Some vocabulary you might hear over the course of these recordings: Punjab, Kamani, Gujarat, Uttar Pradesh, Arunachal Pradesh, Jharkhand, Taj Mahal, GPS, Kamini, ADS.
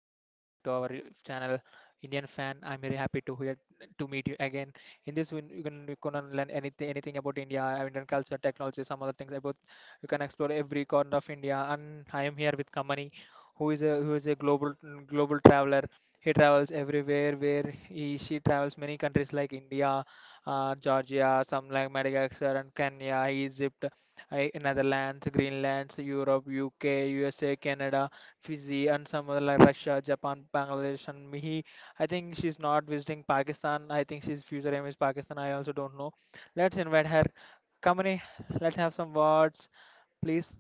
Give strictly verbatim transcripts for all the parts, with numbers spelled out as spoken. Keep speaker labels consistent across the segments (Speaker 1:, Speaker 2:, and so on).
Speaker 1: I'm very happy to hear to meet you again. In this, we you can you gonna learn anything anything about India, uh, Indian culture, technology, some other things about. You can explore every corner of India, and I am here with Kamani, who is a who is a global global traveler. He travels everywhere where he she travels many countries like India, uh, Georgia, some like Madagascar and Kenya, Egypt. I, Netherlands, Greenland, Europe, U K, U S A, Canada, Fiji, and some other like Russia, Japan, Bangladesh, and Mihi. I think she's not visiting Pakistan. I think she's future aim is Pakistan. I also don't know. Let's invite her. Kamini, let's have some words, please.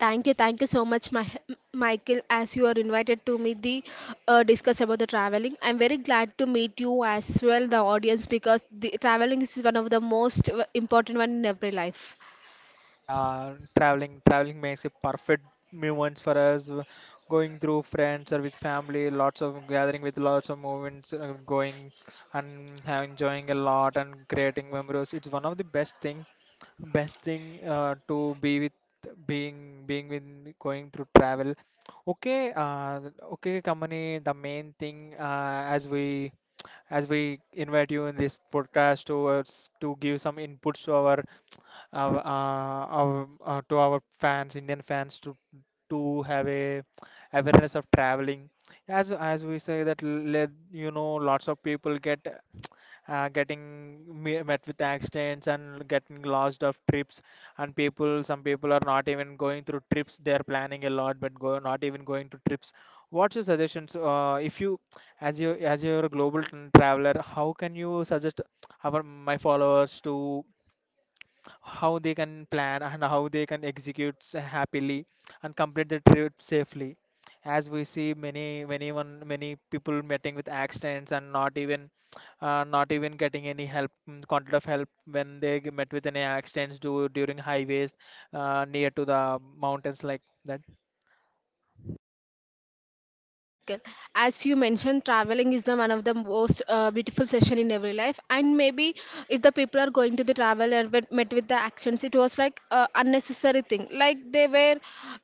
Speaker 2: Thank you, thank you so much, Mi- Michael, as you are invited to me the uh, discuss about the traveling. I'm very glad to meet you as well, the audience, because the traveling is one of the most w- important one in every life.
Speaker 1: Yeah, traveling, traveling makes a perfect moments for us. w- Going through friends or with family, lots of gathering with lots of moments, uh, going and have enjoying a lot and creating memories. It's one of the best thing best thing uh, to be with being being with going through travel. Okay, uh, okay, company, the main thing, uh, as we as we invite you in this podcast towards to give some inputs to our our, uh, our uh, to our fans, Indian fans, to to have a awareness of traveling, as as we say that let you know lots of people get uh, getting me- met with accidents and getting lost of trips, and people, some people are not even going through trips. They are planning a lot but go not even going to trips. What's your suggestions, uh, if you as you as you're a global t- traveler, how can you suggest our my followers to how they can plan and how they can execute s- happily and complete the trip safely, as we see many many one many people meeting with accidents and not even uh, not even getting any help, mm, quantity of help when they g- met with any accidents do, during highways, uh, near to the mountains like that.
Speaker 2: Michael. As you mentioned, traveling is the one of the most uh, beautiful session in every life. And maybe if the people are going to the travel and went- met with the actions, it was like uh, unnecessary thing. Like they were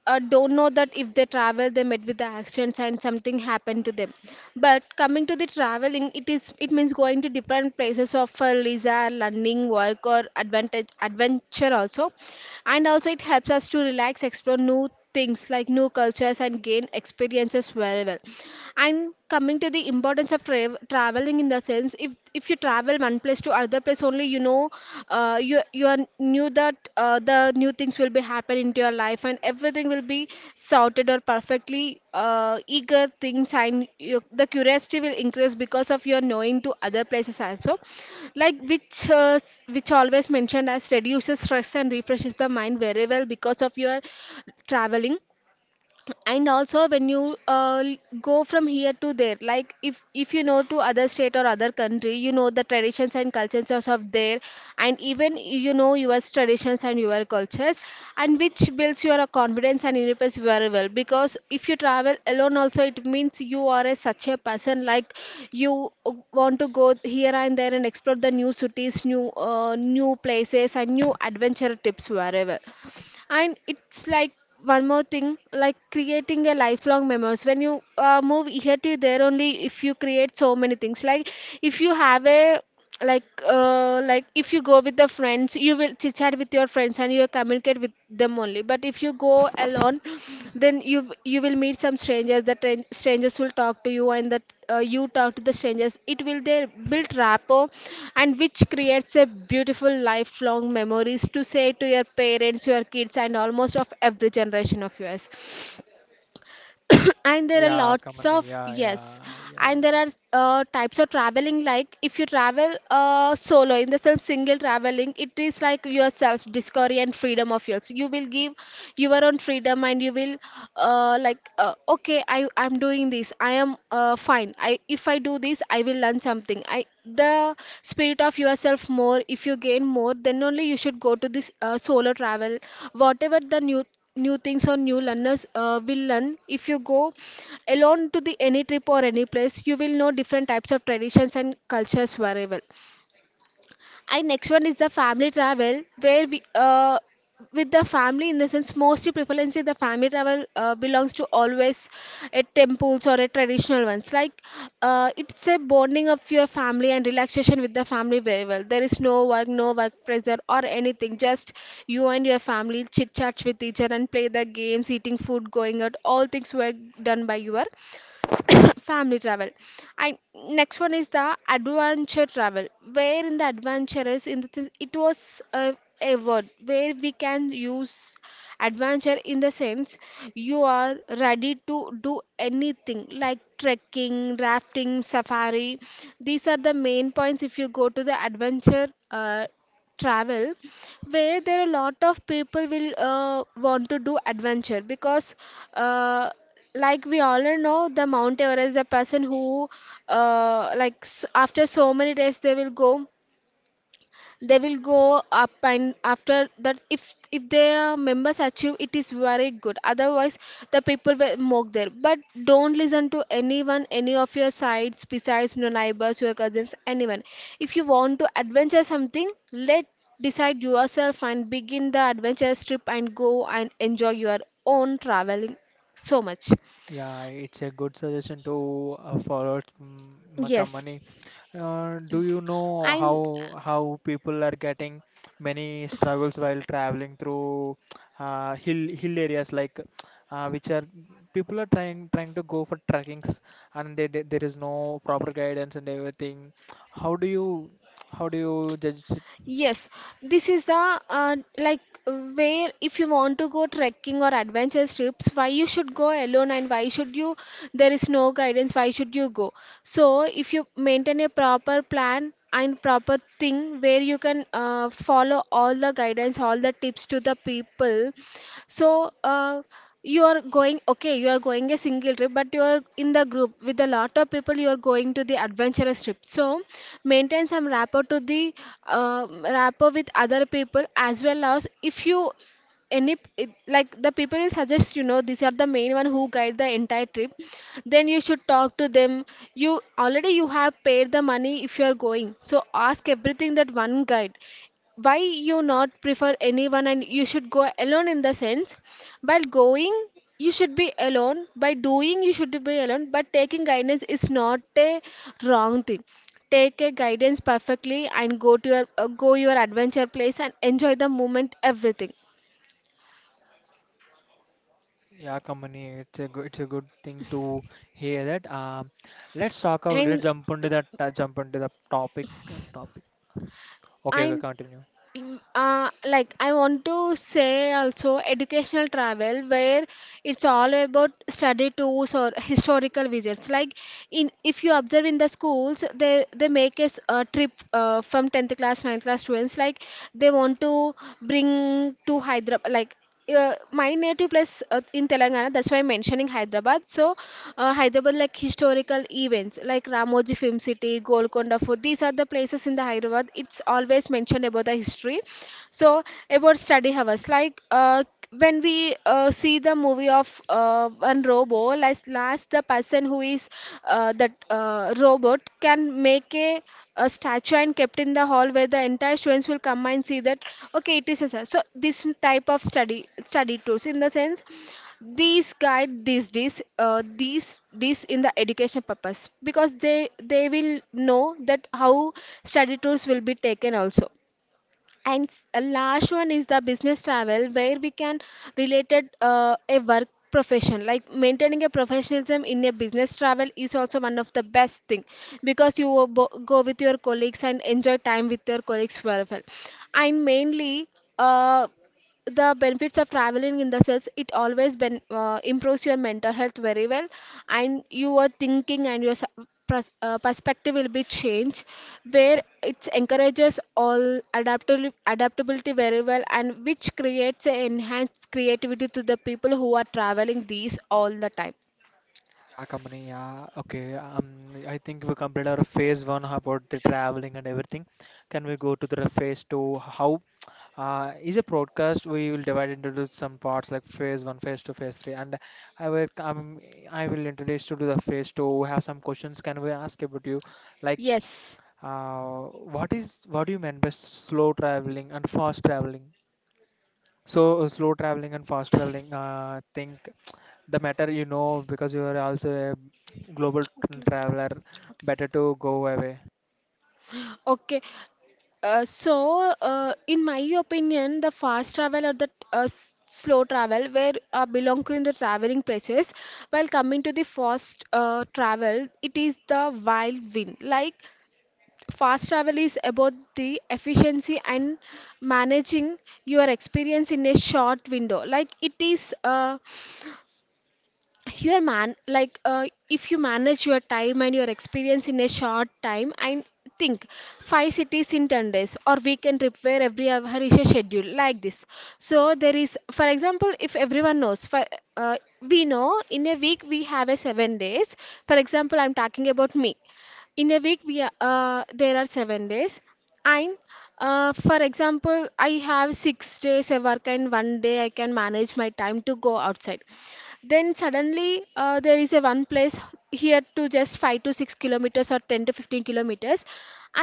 Speaker 2: uh, don't know that if they travel, they met with the actions and something happened to them. But coming to the traveling, it is it means going to different places of for leisure, learning, work, or advantage adventure also. And also it helps us to relax, explore new things like new cultures and gain experiences very well. And coming to the importance of tra- traveling, in the sense, if if you travel one place to other place only, you know, uh, you you are knew that uh, the new things will be happen into your life and everything will be sorted or perfectly uh, eager things, and you, the curiosity will increase because of your knowing to other places also, like which uh, s- which always mentioned as reduces stress and refreshes the mind very well because of your traveling. And also when you uh, go from here to there, like if if you know to other state or other country, you know the traditions and cultures of there, and even you know your traditions and your cultures, and which builds your confidence and independence very well, because if you travel alone also, it means you are a such a person like you want to go here and there and explore the new cities, new uh, new places and new adventure tips wherever. And it's like one more thing, like creating a lifelong memories. When you uh, move here to there, only if you create so many things, like if you have a like uh, like if you go with the friends, you will chit chat with your friends and you will communicate with them only. But if you go go alone, then you you will meet some strangers. The tran- strangers will talk to you, and that uh, you talk to the strangers, it will there build rapport, and which creates a beautiful lifelong memories to say to your parents, your kids, and almost of every generation of yours. And there are
Speaker 1: Yeah, come
Speaker 2: lots
Speaker 1: on.
Speaker 2: of
Speaker 1: Yeah,
Speaker 2: yes,
Speaker 1: yeah, yeah.
Speaker 2: and there are uh, types of traveling. Like if you travel uh, solo, in the sense single traveling, it is like your self discovery and freedom of yours. You will give your own freedom and you will uh, like uh, okay, i i'm doing this, I am uh, fine. I, if I do this, I will learn something. I, the spirit of yourself more. If you gain more, then only you should go to this uh, solo travel, whatever the new new things or new learners uh, will learn. If you go alone to the any trip or any place, you will know different types of traditions and cultures very well. And next one is the family travel, where we, uh, with the family, in the sense, mostly prevalence is the family travel uh, belongs to always a temples or a traditional ones. Like uh, it's a bonding of your family and relaxation with the family very well. There is no work, no work pressure or anything. Just you and your family chit chats with each other and play the games, eating food, going out. All things were done by your family travel. And next one is the adventure travel, where in the adventurous, in the th- it was a, a word where we can use adventure, in the sense you are ready to do anything like trekking, rafting, safari. These are the main points if you go to the adventure uh, travel, where there are a lot of people will uh, want to do adventure. Because uh, like we all know the Mount Everest, the person who uh, like s- after so many days they will go, they will go up, and after that if if their members achieve, it is very good. Otherwise the people will mock there. But don't listen to anyone, any of your sides, besides your neighbors, your cousins, anyone. If you want to adventure something, let decide yourself and begin the adventure trip and go and enjoy your own traveling so much.
Speaker 1: Yeah, it's a good suggestion to uh, forward, mm, my
Speaker 2: Yes,
Speaker 1: company. Uh, do you know how
Speaker 2: and
Speaker 1: how people are getting many struggles while traveling through uh, hill hill areas, like uh, which are people are trying trying to go for trekkings, and they, they, there is no proper guidance and everything. How do you how do you judge it?
Speaker 2: yes, this is the uh, like where if you want to go trekking or adventure trips, why you should go alone, and why should you, there is no guidance, why should you go? So if you maintain a proper plan and proper thing where you can uh, follow all the guidance, all the tips to the people, so uh, you are going, okay, you are going a single trip, but you are in the group with a lot of people. You are going to the adventurous trip. So maintain some rapport to the uh, rapport with other people, as well as if you any it, like the people will suggest, you know, these are the main one who guide the entire trip, then you should talk to them. You already, you have paid the money, if you are going, so ask everything that one guide. Why you not prefer anyone, and you should go alone, in the sense, while going, you should be alone by doing. You should be alone, but taking guidance is not a wrong thing. Take a guidance perfectly and go to your uh, go your adventure place and enjoy the moment everything.
Speaker 1: Yeah, company, it's a good it's a good thing to hear that. Um, let's talk about
Speaker 2: And
Speaker 1: let's jump into that, uh, jump into the topic topic. Okay,
Speaker 2: I
Speaker 1: okay, continue.
Speaker 2: Mm, uh, like I want to say also educational travel, where it's all about study tours or historical visits. Like in, if you observe in the schools, they they make a s- a trip uh, from tenth class, ninth class students. Like they want to bring to Hyderabad, like uh, my native place uh, in Telangana. That's why I'm mentioning Hyderabad. So, uh, Hyderabad, like historical events like Ramoji Film City, Golconda Fort. These are the places in the Hyderabad. It's always mentioned about the history. So about study hours, like uh, when we uh, see the movie of uh, one robo, like last, the person who is uh, that uh, robot can make a, a statue and kept in the hall, where the entire students will come and see that, okay, it is a sa- so this type of study study tools, in the sense these guide, these, this uh, these, this in the education purpose, because they they will know that how study tools will be taken also. And s- uh, last one is the business travel, where we can related uh, a work profession. Like maintaining a professionalism in a business travel is also one of the best thing, because you will bo- go with your colleagues and enjoy time with your colleagues very well. And mainly, uh, the benefits of traveling, in the sense it always ben, uh, improves your mental health very well, and your thinking and your s- pers- uh, perspective will be changed, where it encourages all adaptability, adaptability very well, and which creates a enhanced creativity to the people who are traveling these all the time.
Speaker 1: Yeah, company. Yeah, okay. Um, I think we completed our phase one about the traveling and everything. Can we go to the phase two? How uh, is a broadcast? We will divide into the some parts like phase one, phase two, phase three, and I will um, I will introduce you to the phase two. Have some questions. Can we ask about you? Like,
Speaker 2: Yes,
Speaker 1: uh, what is what do you mean by slow traveling and fast traveling? So uh, slow traveling and fast traveling. Uh, think the matter you know because you are also a global t- traveler. Better to go away.
Speaker 2: okay. Uh, so, uh, in my opinion, the fast travel or the uh, s- slow travel, where uh, belong to in the traveling places, while coming to the fast uh, travel, it is the wild wind. Like fast travel is about the efficiency and managing your experience in a short window. Like it is. Uh, your man, like uh, if you manage your time and your experience in a short time and think five cities in ten days or weekend trip, where every hour is a schedule like this. So there is, for example, if everyone knows for uh, we know in a week we have a seven days. For example, I'm talking about me. In a week we are, uh, there are seven days, and uh, for example, I have six days a work and one day I can manage my time to go outside. Then suddenly uh, there is a one place here to just five to six kilometers or ten to fifteen kilometers.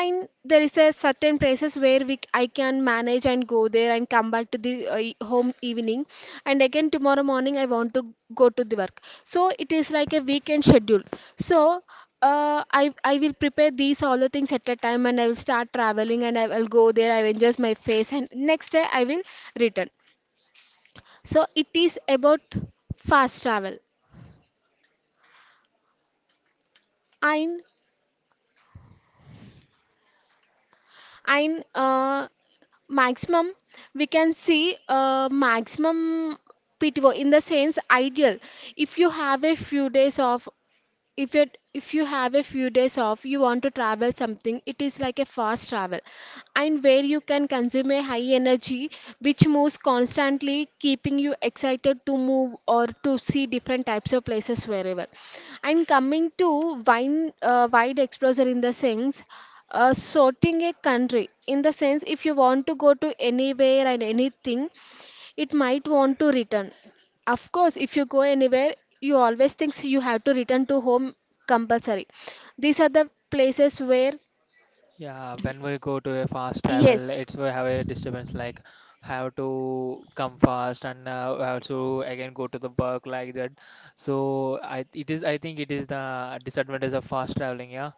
Speaker 2: And there is a certain places where we c- I can manage and go there and come back to the uh, e- home evening. And again tomorrow morning I want to go to the work. So it is like a weekend schedule. So uh, I I will prepare these all the things at a time, and I will start traveling and I will go there. I will adjust my face and next day I will return. So it is about fast travel in in uh, maximum we can see uh, maximum P T O in the sense ideal if you have a few days off if it if you have a few days off you want to travel something. It is like a fast travel, and where you can consume a high energy which moves constantly, keeping you excited to move or to see different types of places wherever. And coming to wine uh, wide exposure in the sense, uh, sorting a country in the sense, if you want to go to anywhere and anything, it might want to return. Of course, if you go anywhere, you always think you have to return to home compulsory. These are the places where,
Speaker 1: Yeah, when we go to a fast travel,
Speaker 2: yes,
Speaker 1: it's we have a disturbance, like have to come fast and uh, also again go to the work like that. So I it is I think it is the disadvantage of fast traveling. Yeah.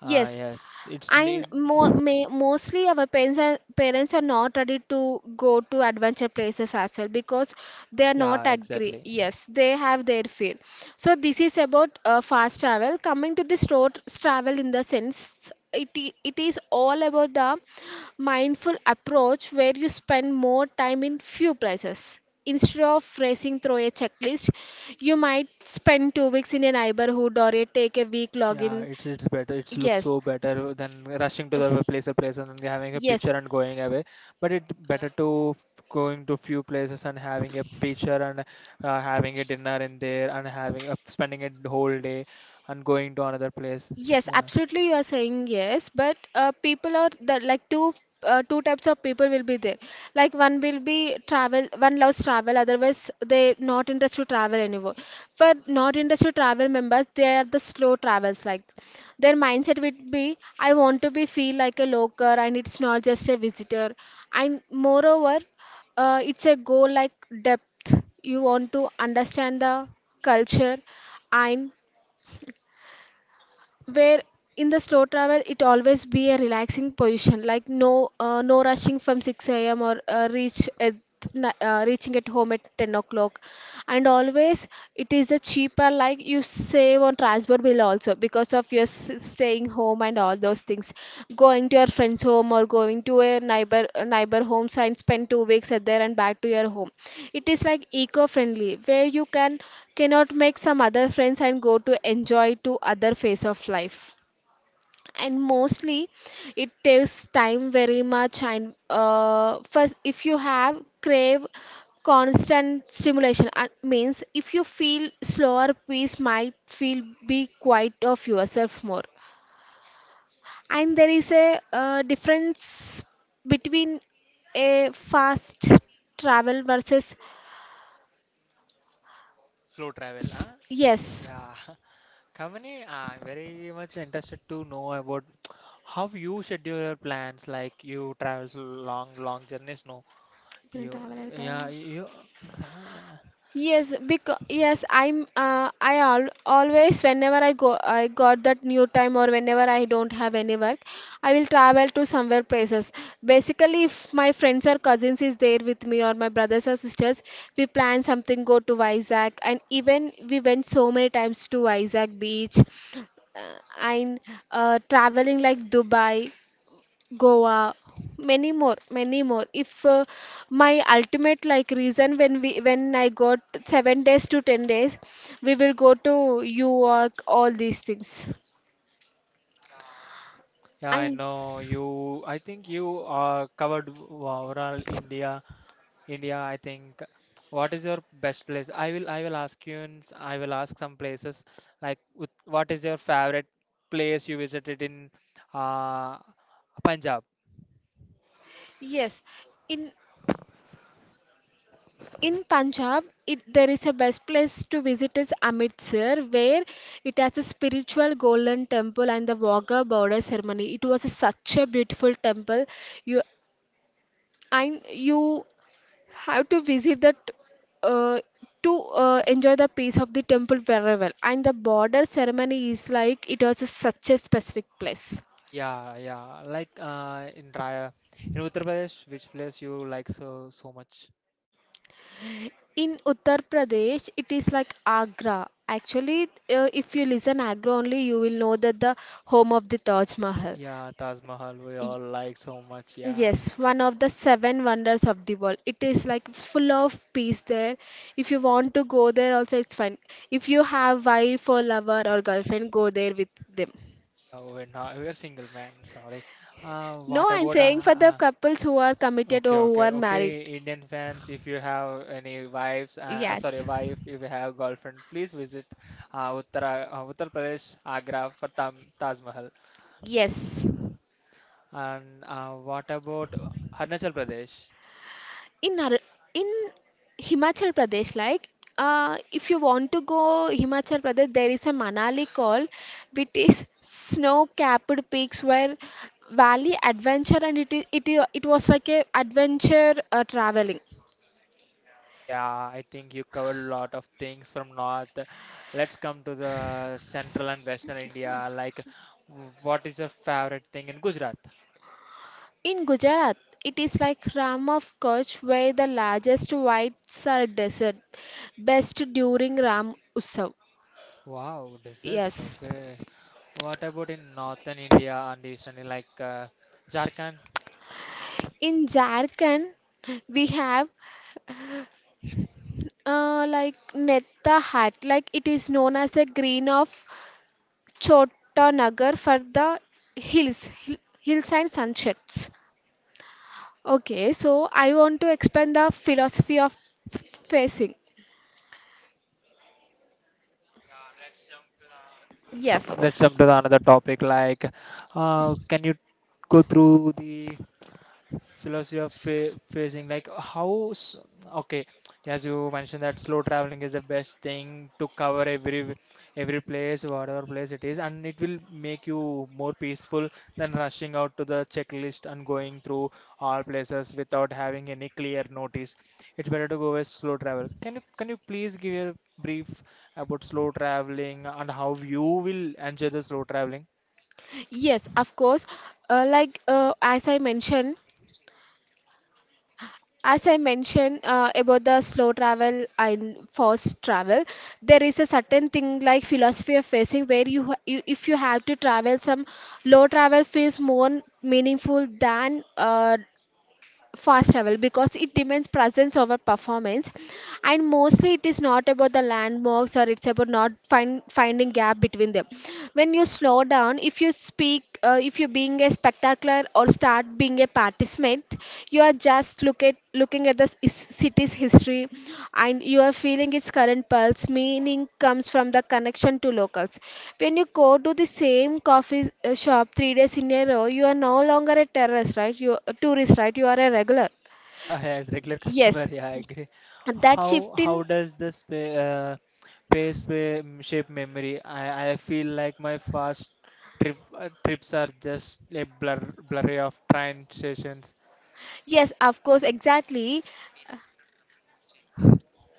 Speaker 1: Uh,
Speaker 2: yes.
Speaker 1: yes, it's
Speaker 2: And
Speaker 1: need.
Speaker 2: mo may, mostly our parents are, parents are not ready to go to adventure places as well, because they are not
Speaker 1: Yeah,
Speaker 2: agree.
Speaker 1: exactly.
Speaker 2: Yes, they have their fear. So this is about uh, fast travel. Coming to this road travel in the sense it, i- it is all about the mindful approach, where you spend more time in few places. Instead of racing through a checklist, you might spend two weeks in a neighborhood, or you take a week
Speaker 1: Yeah,
Speaker 2: login.
Speaker 1: it's it's better. It looks
Speaker 2: Yes,
Speaker 1: so better than rushing to the place or place and having a picture
Speaker 2: yes.
Speaker 1: and going away. But it better to f- going to few places and having a picture and uh, having a dinner in there and having uh, spending a whole day and going to another place.
Speaker 2: Yes,
Speaker 1: Yeah,
Speaker 2: absolutely, you are saying yes, but uh, people are the like two uh, two types of people will be there. Like one will be travel, one loves travel, otherwise they not interested to travel anymore. For not interested to travel members, they are the slow travels. Like their mindset would be, I want to be feel like a local, and it's not just a visitor. And moreover, uh, it's a goal like depth. You want to understand the culture and where in the slow travel it always be a relaxing position, like no uh, no rushing from six a.m. or uh, reach at ni- uh, reaching at home at ten o'clock. And always, it is the cheaper, like you save on transport bill also because of your s- staying home and all those things, going to your friend's home, or going to a neighbor a neighbor home and spend two weeks at there and back to your home. It is like eco-friendly, where you can cannot make some other friends and go to enjoy to other phase of life. And mostly, it takes time very much. And uh, first, if you have crave constant stimulation, uh, means if you feel slower pace might feel be quiet of yourself more. And there is a uh, difference between a fast travel versus
Speaker 1: slow travel, huh?
Speaker 2: yes.
Speaker 1: Yeah. Kamini, I'm very much interested to know about how you schedule your plans. Like you travel so long, long journeys, no?
Speaker 2: अपने
Speaker 1: You,
Speaker 2: traveler का.
Speaker 1: yeah, you.
Speaker 2: Yes, because yes, I'm uh, I al always whenever I go I got that new time, or whenever I don't have any work, I will travel to somewhere places. Basically, if my friends or cousins is there with me, or my brothers or sisters, we plan something go to Vizag, and even we went so many times to Vizag beach uh, and uh, traveling like Dubai. Goa, many more, many more. If uh, my ultimate like reason when we when I got seven days to ten days, we will go to York, all these things.
Speaker 1: Yeah, I
Speaker 2: And
Speaker 1: know you. I think you uh, covered o- overall India. India, I think. What is your best place? I will. I will ask you. In, s- I will ask some places like with, what is your favorite place you visited in uh, Punjab?
Speaker 2: yes, in In Punjab, it, there is a best place to visit is Amritsar, where it has a spiritual golden temple and the Wagha border ceremony. It was a- such a beautiful temple. You and you have to visit that uh, to uh, enjoy the peace of the temple very well. And the border ceremony is like it was a, such a specific place.
Speaker 1: Yeah, yeah. Like uh, in Raya, in Uttar Pradesh, which place you like so so much?
Speaker 2: In Uttar Pradesh, it is like Agra. Actually, uh, if you listen Agra only, you will know that the home of the Taj Mahal.
Speaker 1: Yeah, Taj Mahal. We
Speaker 2: Y-
Speaker 1: all like so much. Yeah,
Speaker 2: Yes, one of the seven wonders of the world. It is like it's full of peace there. If you want to go there, also it's fine. If you have wife or lover or girlfriend, go there with them.
Speaker 1: yeah. We're not. We're single man. Sorry. Uh,
Speaker 2: No,
Speaker 1: what
Speaker 2: I'm
Speaker 1: about
Speaker 2: saying for the
Speaker 1: uh,
Speaker 2: couples who are committed
Speaker 1: Okay,
Speaker 2: or who
Speaker 1: okay,
Speaker 2: are married.
Speaker 1: okay. Indian fans, if you have any wives, uh, uh, sorry,
Speaker 2: Yes.
Speaker 1: wife, if you have girlfriend, please visit uh, Uttara, uh, Uttar Pradesh, Agra for Tam, Taj Mahal.
Speaker 2: Yes,
Speaker 1: And uh, what about Arunachal Pradesh?
Speaker 2: in Ar in Himachal Pradesh, like uh, if you want to go Himachal Pradesh, there is a Manali called, which is snow-capped peaks where valley adventure, and it is, it I- it was like a adventure uh, traveling.
Speaker 1: Yeah, I think you covered a lot of things from north. Let's come to the central and western India. Like, w- what is your favorite thing in Gujarat?
Speaker 2: In Gujarat, it is like Ram of Kutch, where the largest white salt desert, best during Ram Utsav.
Speaker 1: Wow, desserts.
Speaker 2: Yes.
Speaker 1: Okay. What about in northern India and eastern, like uh, Jharkhand?
Speaker 2: In Jharkhand, we have uh, like Netta hat, like it is known as the green of Nagar for the hills, hill- hills and sunsets. Okay, so I want to explain the philosophy of f- facing. Yes,
Speaker 1: Let's jump to the another topic. Like, uh, can you go through the philosophy of pha- phasing, like how s- okay, as you mentioned that slow traveling is the best thing to cover every every place whatever place it is, and it will make you more peaceful than rushing out to the checklist and going through all places without having any clear notice. It's better to go with slow travel. Can you can you please give a brief about slow traveling and how you will enjoy the slow traveling?
Speaker 2: yes, of course. Uh, like uh, as I mentioned. As I mentioned uh, about the slow travel and fast travel, there is a certain thing like philosophy of facing where you, ha- you if you have to travel, some low travel feels more meaningful than uh, fast travel, because it demands presence over performance, and mostly it is not about the landmarks, or it's about not find, finding gap between them. When you slow down, if you speak, uh, if you being a spectacular or start being a participant, you are just look at looking at the c- city's history, and you are feeling its current pulse. Meaning comes from the connection to locals. When you go to the same coffee uh, shop three days in a row, you are no longer a terrorist, right? You a tourist, right? You are a regular.
Speaker 1: Yeah, as regular customer,
Speaker 2: Yes,
Speaker 1: yeah, I agree.
Speaker 2: that shift
Speaker 1: How
Speaker 2: in.
Speaker 1: how does the spa- uh, pace pa- mm, shape memory? I, I feel like my fast trip uh, trips are just a blur blurry of train stations.
Speaker 2: Yes, of course, exactly.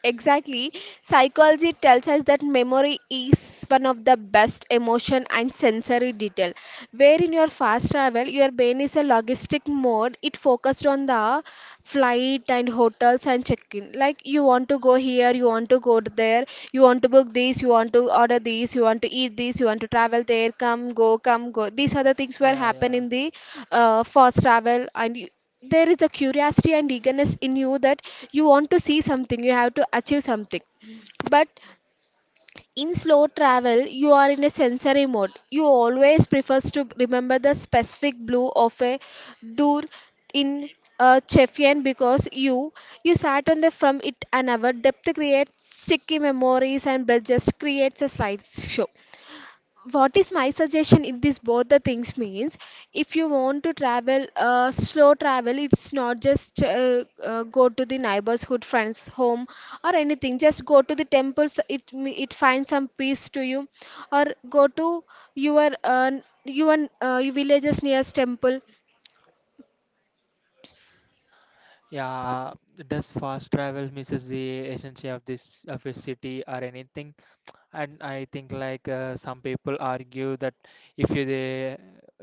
Speaker 2: Exactly. Psychology tells us that memory is one of the best emotion and sensory detail. Where in your fast travel, your brain is a logistic mode. It focused on the flight and hotels and check-in. Like you want to go here, you want to go there, you want to book this, you want to order this, you want to eat this, you want to travel there, come, go, come, go. These are the things were
Speaker 1: Yeah,
Speaker 2: happen
Speaker 1: yeah,
Speaker 2: in the uh, first travel. And you, there is a curiosity and eagerness in you that you want to see something, you have to achieve something. But in slow travel, you are in a sensory mode. You always prefers to remember the specific blue of a door in a Chefian, because you you sat on the from it an hour. Depth creates sticky memories and just creates a slideshow. What is my suggestion in this both the things means if you want to travel uh, slow travel, it's not just uh, uh, go to the neighborhood friends home or anything, just go to the temples. it it finds some peace to you, or go to your uh, your uh, villages nearest temple.
Speaker 1: yeah. Does fast travel misses the essence of this of a city or anything? And I think like uh, some people argue that if you, they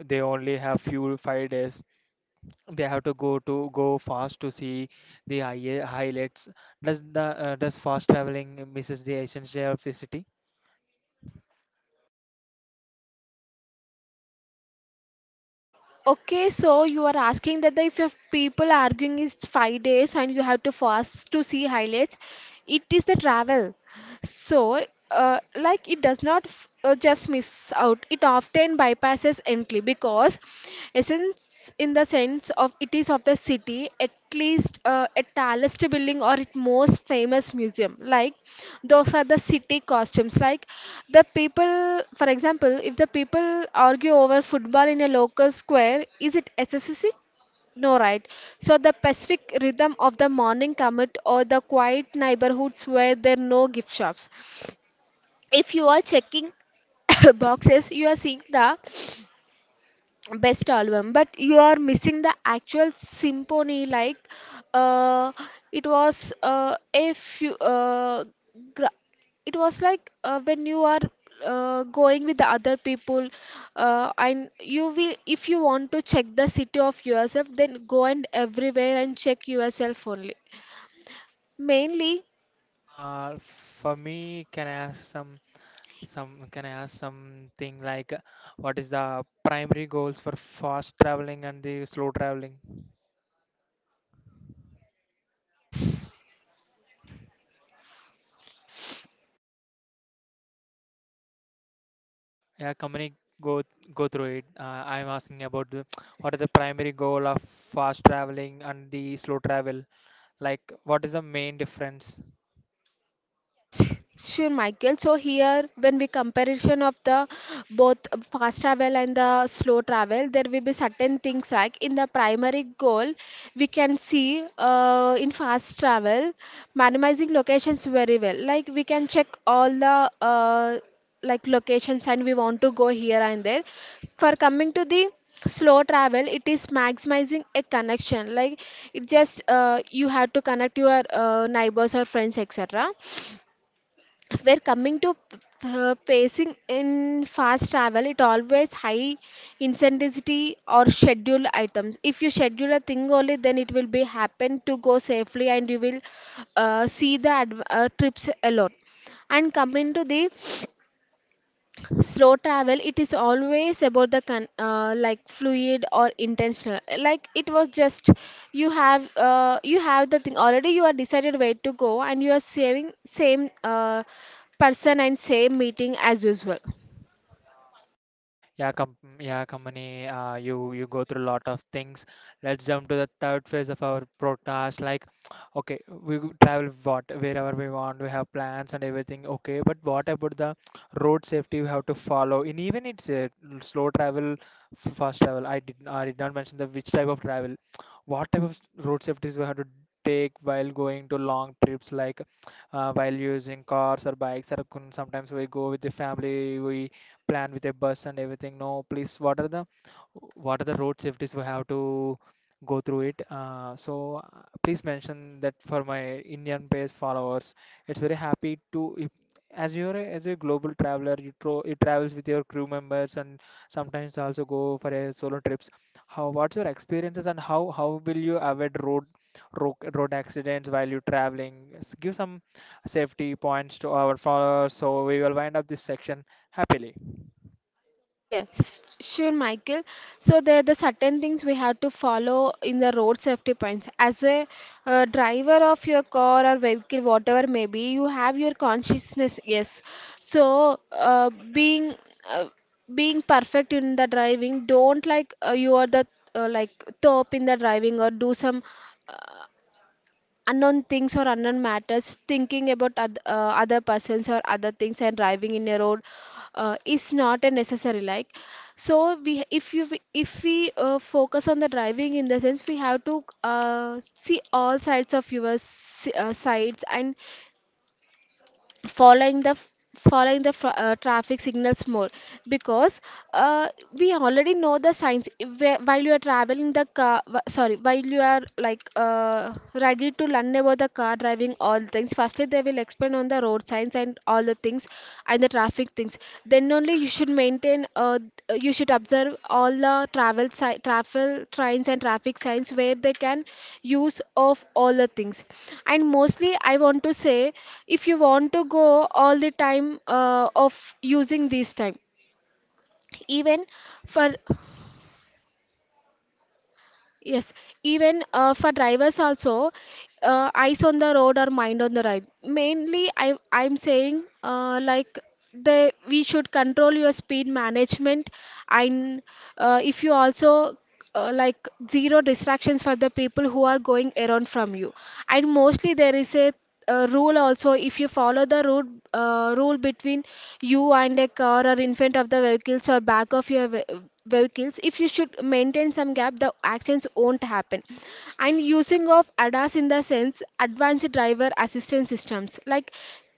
Speaker 1: they only have few five days, they have to go to go fast to see the high, highlights. Does the uh, does fast traveling misses the essential of the city?
Speaker 2: Okay, so you are asking that the, if your people arguing is five days and you have to fast to see highlights, it is the travel. So, uh, like it does not f uh, just miss out. It often bypasses entry, because essence in the sense of it is of the city, at least uh, at tallest building or its most famous museum. Like those are the city costumes. Like the people, for example, if the people argue over football in a local square, is it S S C? No, right? So the pacific rhythm of the morning commute or the quiet neighborhoods where there are no gift shops, if you are checking boxes, you are seeing the best album but you are missing the actual symphony. Like uh, it was uh, a few uh, gra- it was like uh, when you are uh, going with the other people uh, and you will, if you want to check the city of yourself, then go and everywhere and check yourself only mainly
Speaker 1: Uh, for me, can I ask some some can I ask something like, uh, what is the primary goals for fast traveling and the slow traveling?
Speaker 2: yes.
Speaker 1: Yeah, company, go go through it. Uh, I'm asking about the, what is the primary goal of fast traveling and the slow travel? Like, what is the main difference?
Speaker 2: Yes, sure, Michael. So here, when we comparison of the both fast travel and the slow travel, there will be certain things. Like in the primary goal, we can see uh, in fast travel, minimizing locations very well. Like we can check all the uh, like locations and we want to go here and there. For coming to the slow travel, it is maximizing a connection. Like it just uh, you have to connect your uh, neighbors or friends, etc. We're coming to uh, pacing in fast travel, it always high intensity or schedule items. If you schedule a thing only, then it will be happen to go safely, and you will uh, see the adv- uh, trips a lot. And coming to the slow travel, it is always about the con- uh, like fluid or intentional. Like it was just you have uh, you have the thing already, you are decided where to go, and you are saving same uh, person and same meeting as usual.
Speaker 1: Yeah, com yeah, company. Uh, you you go through a lot of things. Let's jump to the third phase of our podcast. Like, okay, we go- travel what wherever we want. We have plans and everything. Okay, but what about the road safety we have to follow? In even it's a slow travel, f- fast travel. I did I did not mention the which type of travel. What type of road safeties we have to take while going to long trips, like uh, while using cars or bikes, or con- sometimes we go with the family, we plan with a bus and everything. No, please, what are the what are the road safeties we have to go through it? Uh, so uh, please mention that for my Indian page followers. It's very happy to if, as you're a, as a global traveler, you tro you travels with your crew members and sometimes also go for a solo trips. How what's your experiences and how how will you avoid road road, road accidents while you're traveling? S- Give some safety points to our followers. So we will wind up this section happily.
Speaker 2: Yes, sure, Michael. So there are the certain things we have to follow in the road safety points. As a uh, driver of your car or vehicle, whatever may be, you have your consciousness. Yes. So uh, being uh, being perfect in the driving. Don't, like, uh, you are the, uh, like, top in the driving, or do some uh, unknown things or unknown matters, thinking about oth- uh, other persons or other things, and driving in a road uh, is not a necessary, like. So we if you if we uh, focus on the driving. In the sense, we have to uh, see all sides of your s- uh, sides, and following the following the fr- uh, traffic signals more, because uh, we already know the signs. If, while you are traveling the car, wh- sorry, while you are, like, uh, ready to learn about the car driving, all things, firstly they will explain on the road signs and all the things and the traffic things. Then only you should maintain uh, you should observe all the travel si- travel trains and traffic signs where they can use of all the things. And mostly I want to say, if you want to go all the time, uh, of using this time, even for. Yes, even, uh, for drivers also, uh, eyes on the road or mind on the ride. Mainly, I I'm saying, uh, like, they we should control your speed management, and, uh, if you also, uh, like, zero distractions for the people who are going around from you. And mostly there is a, uh, rule also, if you follow the route, uh, rule between you and a car, or in front of the vehicles or back of your ve- vehicles, if you should maintain some gap, the accidents won't happen. And using of A D A S, in the sense advanced driver assistance systems, like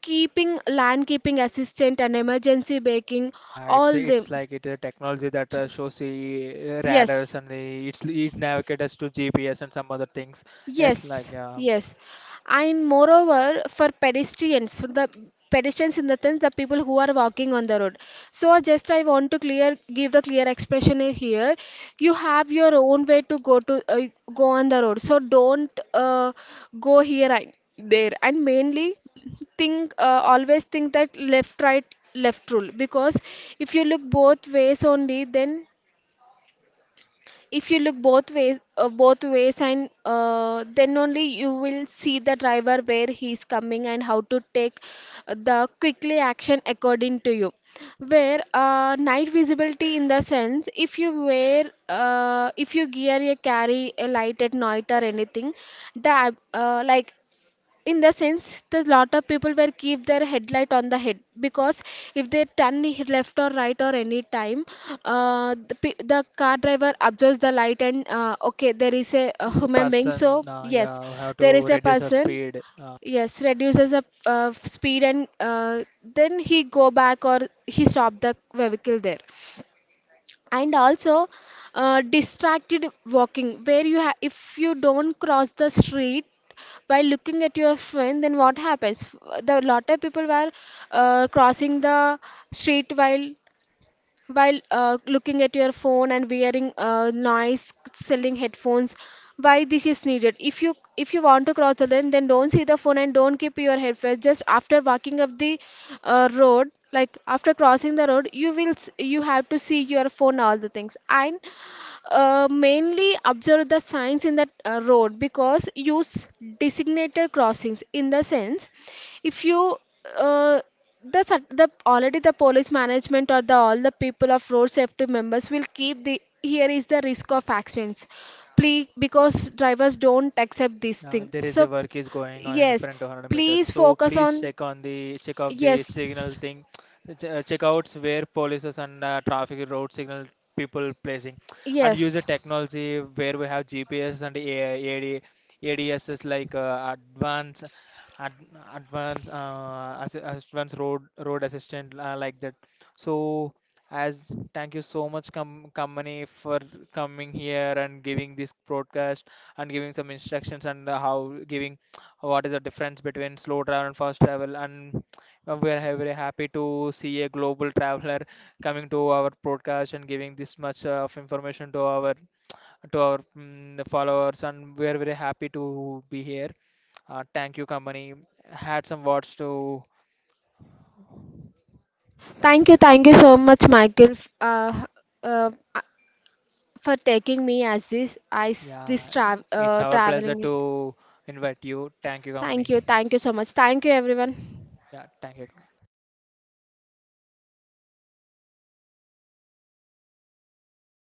Speaker 2: keeping land, keeping assistant and emergency braking,
Speaker 1: Uh, it's
Speaker 2: all them,
Speaker 1: it's like it a technology that uh, shows the uh,
Speaker 2: yes.
Speaker 1: radars and the it's it navigates us to G P S and some other things. Yes,
Speaker 2: Yes,
Speaker 1: like uh,
Speaker 2: yes. And moreover, for pedestrians, the pedestrians, in the sense, the people who are walking on the road. So just I want to clear give the clear expression here. You have your own way to go to uh, go on the road. So don't, uh, go here and there. And mainly, think uh, always think that left right left rule, because if you look both ways only, then if you look both ways, uh, both ways, and uh, then only you will see the driver where he is coming and how to take the quickly action according to you. Where, uh, night visibility, in the sense, if you wear uh, if you gear a carry a light at night or anything, the ab- uh, like, in the sense, the lot of people will keep their headlight on the head, because if they turn left or right or any time, uh, the, pe- the car driver observes the light, and, uh, okay, there is a, a
Speaker 1: yeah,
Speaker 2: human being,
Speaker 1: person
Speaker 2: so
Speaker 1: uh,
Speaker 2: yes,
Speaker 1: yeah, have
Speaker 2: there
Speaker 1: to
Speaker 2: is a
Speaker 1: reduce our
Speaker 2: person,
Speaker 1: speed. Uh,
Speaker 2: yes, reduces the, uh, speed, and uh, then he go back or he stop the vehicle there. And also, uh, distracted walking, where you ha- if you don't cross the street by looking at your phone, then what happens? The lot of people were, uh, crossing the street, while while uh, looking at your phone and wearing, uh, noise selling headphones. Why this is needed? If you if you want to cross the lane, then don't see the phone and don't keep your headphones. Just after walking up the, uh, road, like after crossing the road, you will s- you have to see your phone, all the things. And, uh, mainly observe the signs in the, uh, road, because use designated crossings, in the sense, if you, uh, the, sat- the already, the police management or the all the people of road safety members will keep the, here is the risk of accidents, please, because drivers don't accept this
Speaker 1: Yeah,
Speaker 2: thing,
Speaker 1: there is
Speaker 2: so
Speaker 1: a work is going on in
Speaker 2: yes,
Speaker 1: front of one hundred meters.
Speaker 2: please
Speaker 1: So
Speaker 2: focus
Speaker 1: please
Speaker 2: on.
Speaker 1: check on the check of the signal
Speaker 2: Yes.
Speaker 1: thing. Ch- uh, Check outs where policies and uh, traffic road signal people placing, and use the
Speaker 2: Yes.
Speaker 1: technology where we have G P S and A- AD, A D Ss like uh, advanced ad, advanced uh, as, advanced road road assistant, uh, like that. So as thank you so much com company for coming here and giving this broadcast and giving some instructions and uh, how giving what is the difference between slow travel and fast travel. And uh, we are ha- very happy to see a global traveler coming to our podcast and giving this much uh, of information to our to our mm followers. And we are very happy to be here. Uh, thank you, company. Had some words to.
Speaker 2: Thank you, thank you so much, Michael, f- uh, uh, uh, for taking me as this, as this
Speaker 1: Yeah,
Speaker 2: tra-
Speaker 1: it's
Speaker 2: uh,
Speaker 1: our pleasure
Speaker 2: traveling.
Speaker 1: to invite you. Thank you,
Speaker 2: Thank you,
Speaker 1: company.
Speaker 2: thank you so much. Thank you, everyone.
Speaker 1: Yeah, thank you.